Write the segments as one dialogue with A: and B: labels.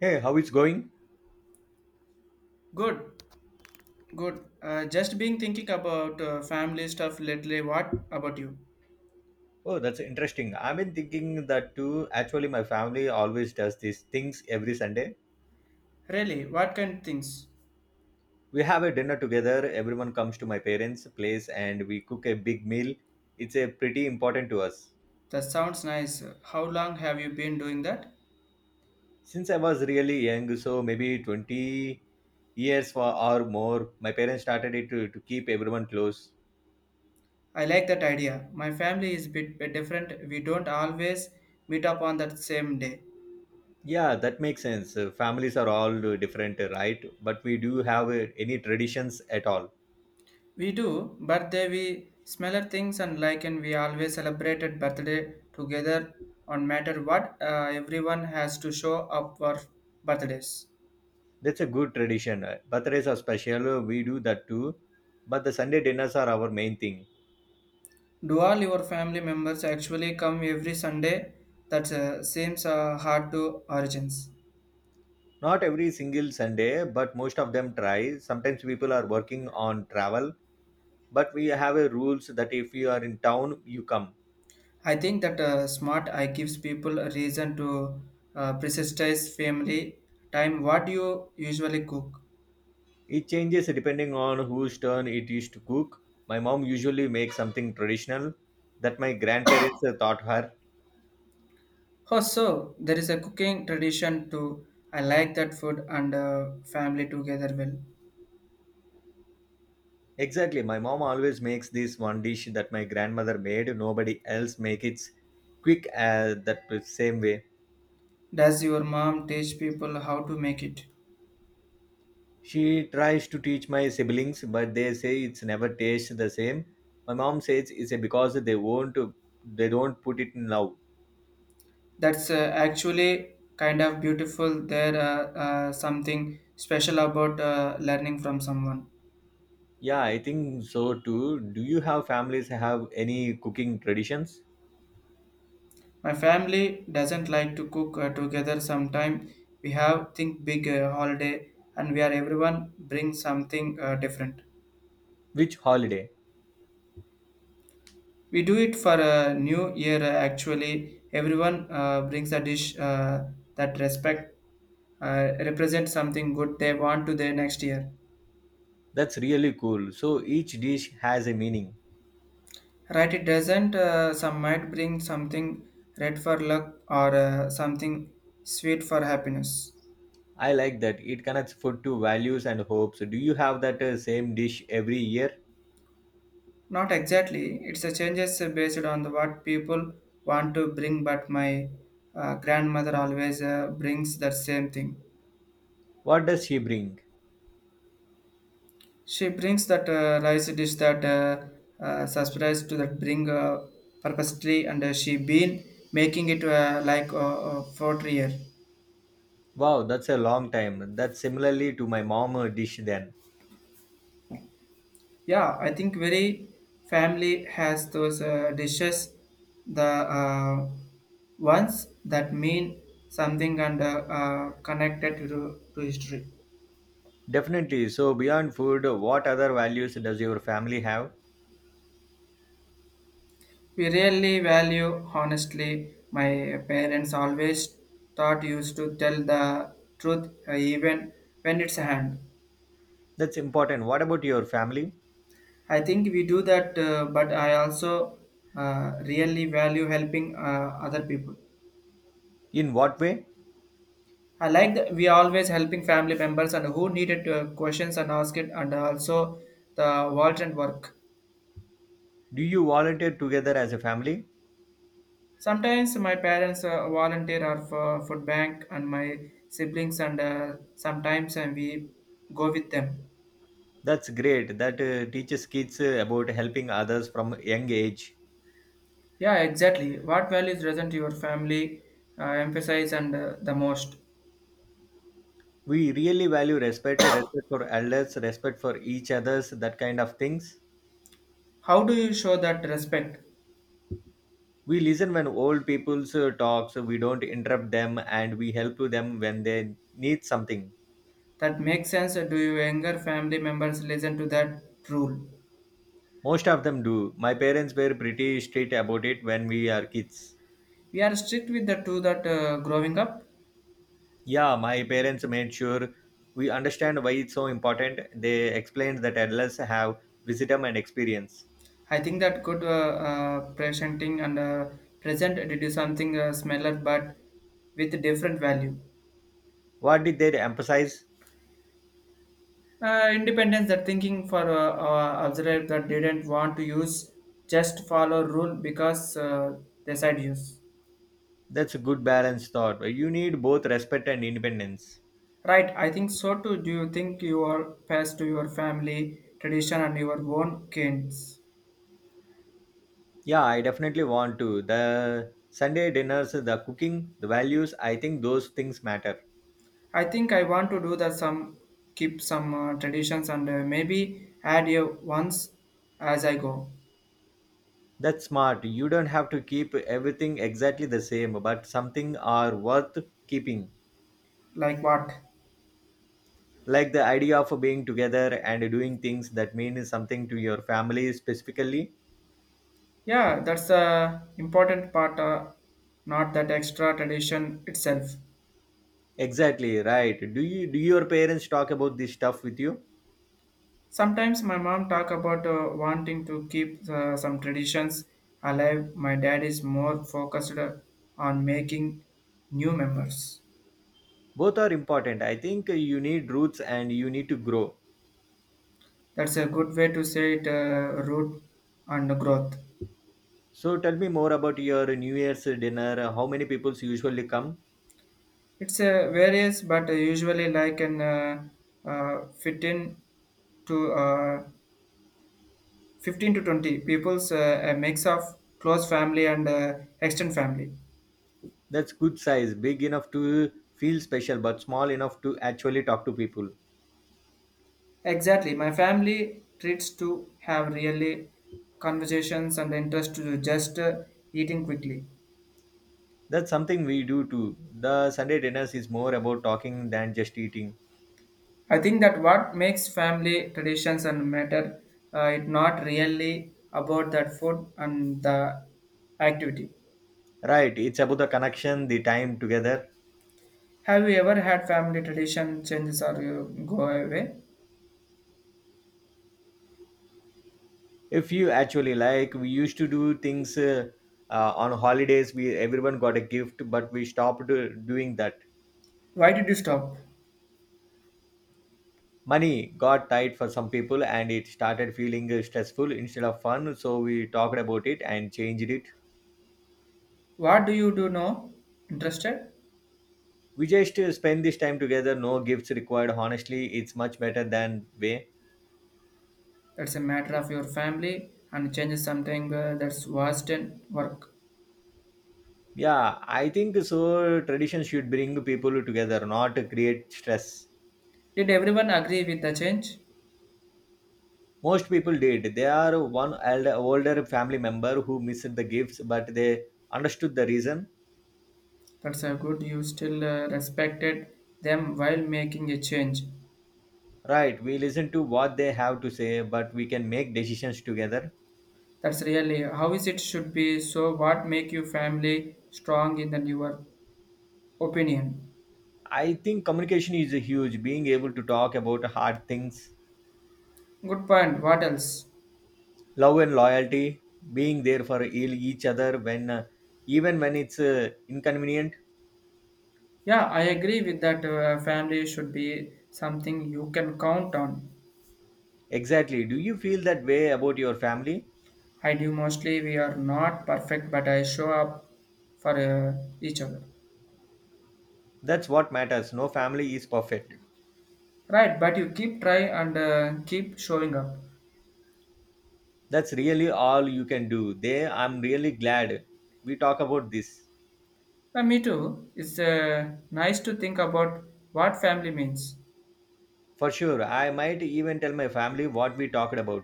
A: Hey, how it's going?
B: Good, good. Just being thinking about family stuff lately. What about you?
A: Oh, that's interesting. I've been thinking that too. Actually, my family always does these things every Sunday.
B: Really, what kind of things?
A: We have a dinner together. Everyone comes to my parents' place and we cook a big meal. It's a pretty important to us.
B: That sounds nice. How long have you been doing that?
A: Since I was really young, so maybe 20 years for, or more, my parents started it to keep everyone close.
B: I like that idea. My family is a bit different. We don't always meet up on that same day.
A: Yeah, that makes sense. Families are all different, right? But we do have any traditions at all.
B: We do, but they we smaller things and like and we always celebrated birthday together on matter what, everyone has to show up for birthdays.
A: That's a good tradition. Birthdays are special. We do that too. But the Sunday dinners are our main thing.
B: Do all your family members actually come every Sunday? That seems hard to origins.
A: Not every single Sunday, but most of them try. Sometimes people are working on travel, but we have a rules that if you are in town, you come.
B: I think that smart eye gives people a reason to prioritize family time. What do you usually cook?
A: It changes depending on whose turn it is to cook. My mom usually makes something traditional that my grandparents taught her.
B: Oh, so there is a cooking tradition too. I like that food and family together well.
A: Exactly, my mom always makes this one dish that my grandmother made. Nobody else make it quick that same way.
B: Does your mom teach people how to make it?
A: She tries to teach my siblings, but they say it's never tastes the same. My mom says it's because they don't put it in love.
B: That's actually kind of beautiful. There something special about learning from someone.
A: Yeah, I think so too. Do you have families have any cooking traditions?
B: My family doesn't like to cook together. Sometime we have think big holiday and where everyone brings something different.
A: Which holiday?
B: We do it for a new year. Actually, everyone brings a dish that respect represents something good they want to their next year.
A: That's really cool. So each dish has a meaning.
B: Right, it doesn't. Some might bring something red for luck or something sweet for happiness.
A: I like that. It connects food to values and hopes. Do you have that same dish every year?
B: Not exactly. It's a changes based on what people want to bring. But my grandmother always brings that same thing.
A: What does she bring?
B: She brings that rice dish that surprise to that bring purposely, and she been making it like for a year.
A: Wow, that's a long time. That's similarly to my mom dish then.
B: Yeah, I think very family has those dishes, the ones that mean something and connected to history.
A: Definitely. So, beyond food, what other values does your family have?
B: We really value, honestly, my parents always taught used to tell the truth, even when it's a hand.
A: That's important. What about your family?
B: I think we do that, but I also really value helping other people.
A: In what way?
B: I like that we always helping family members and who needed to have questions and ask it, and also the volunteer work.
A: Do you volunteer together as a family?
B: Sometimes my parents volunteer or for food bank, and my siblings, and sometimes we go with them.
A: That's great. That teaches kids about helping others from a young age.
B: Yeah, exactly. What values doesn't your family emphasize and the most?
A: We really value respect, respect for elders, respect for each others, that kind of things.
B: How do you show that respect?
A: We listen when old people talk, so we don't interrupt them and we help them when they need something.
B: That makes sense. Do your younger family members listen to that rule?
A: Most of them do. My parents were pretty strict about it when we are kids.
B: We are strict with the two that growing up.
A: Yeah, my parents made sure we understand why it's so important. They explained that adults have wisdom and experience.
B: I think that good presenting and present it is something smaller but with different value.
A: What did they emphasize?
B: Independence that thinking for observer that didn't want to use just follow rule because they said use.
A: That's a good balance thought. You need both respect and independence.
B: Right, I think so too. Do you think you are passed to your family tradition and your own kinds?
A: Yeah, I definitely want to. The Sunday dinners, the cooking, the values, I think those things matter.
B: I think I want to do that some keep some traditions and maybe add your ones as I go.
A: That's smart. You don't have to keep everything exactly the same, but something are worth keeping.
B: Like what?
A: Like the idea of being together and doing things that mean something to your family specifically.
B: Yeah, that's a important part, not that extra tradition itself.
A: Exactly right. Do you do your parents talk about this stuff with you?
B: Sometimes my mom talk about wanting to keep some traditions alive. My dad is more focused on making new members.
A: Both are important. I think you need roots and you need to grow.
B: That's a good way to say it, root and growth.
A: So tell me more about your new year's dinner. How many people usually come?
B: It's various, but usually like an fit in to 15 to 20 people's a mix of close family and extended family.
A: That's good size, big enough to feel special but small enough to actually talk to people.
B: Exactly, my family treats to have really conversations and interest to just eating quickly.
A: That's something we do too. The Sunday dinners is more about talking than just eating.
B: I think that what makes family traditions and matter, it not really about that food and the activity.
A: Right, it's about the connection, the time together.
B: Have you ever had family tradition changes or you go away?
A: If you actually like, we used to do things on holidays. We everyone got a gift, but we stopped doing that.
B: Why did you stop?
A: Money got tight for some people, and it started feeling stressful instead of fun. So we talked about it and changed it.
B: What do you do now? Interested.
A: We just spend this time together. No gifts required. Honestly, it's much better than way.
B: That's a matter of your family and change is something that's vast and work.
A: Yeah, I think so. Tradition should bring people together, not create stress.
B: Did everyone agree with the change?
A: Most people did. They are one elder, older family member who missed the gifts, but they understood the reason.
B: That's a good you still respected them while making a change.
A: Right, we listen to what they have to say, but we can make decisions together.
B: That's really how is it should be. So what make your family strong in the newer opinion?
A: I think communication is huge. Being able to talk about hard things,
B: Good point, what else?
A: love and loyalty, being there for each other when, even when it's inconvenient.
B: Yeah, I agree with that, family should be something you can count on.
A: Exactly. Do you feel that way about your family?
B: I do mostly. We are not perfect but I show up for each other.
A: That's what matters. No family is perfect.
B: Right, but you keep try and keep showing up.
A: That's really all you can do there. I'm really glad we talk about this.
B: Me too. It's nice to think about what family means.
A: For sure, I might even tell my family what we talked about.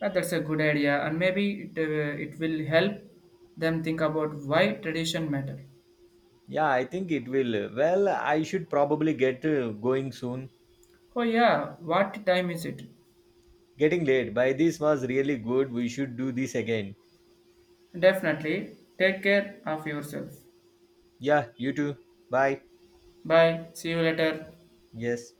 B: That's a good idea, and maybe it, it will help them think about why tradition matter.
A: Yeah, I think it will. Well, I should probably get going soon.
B: Oh yeah, what time is it?
A: Getting late by this was really good. We should do this again.
B: Definitely. Take care of yourself.
A: Yeah, you too. Bye.
B: Bye. See you later.
A: Yes.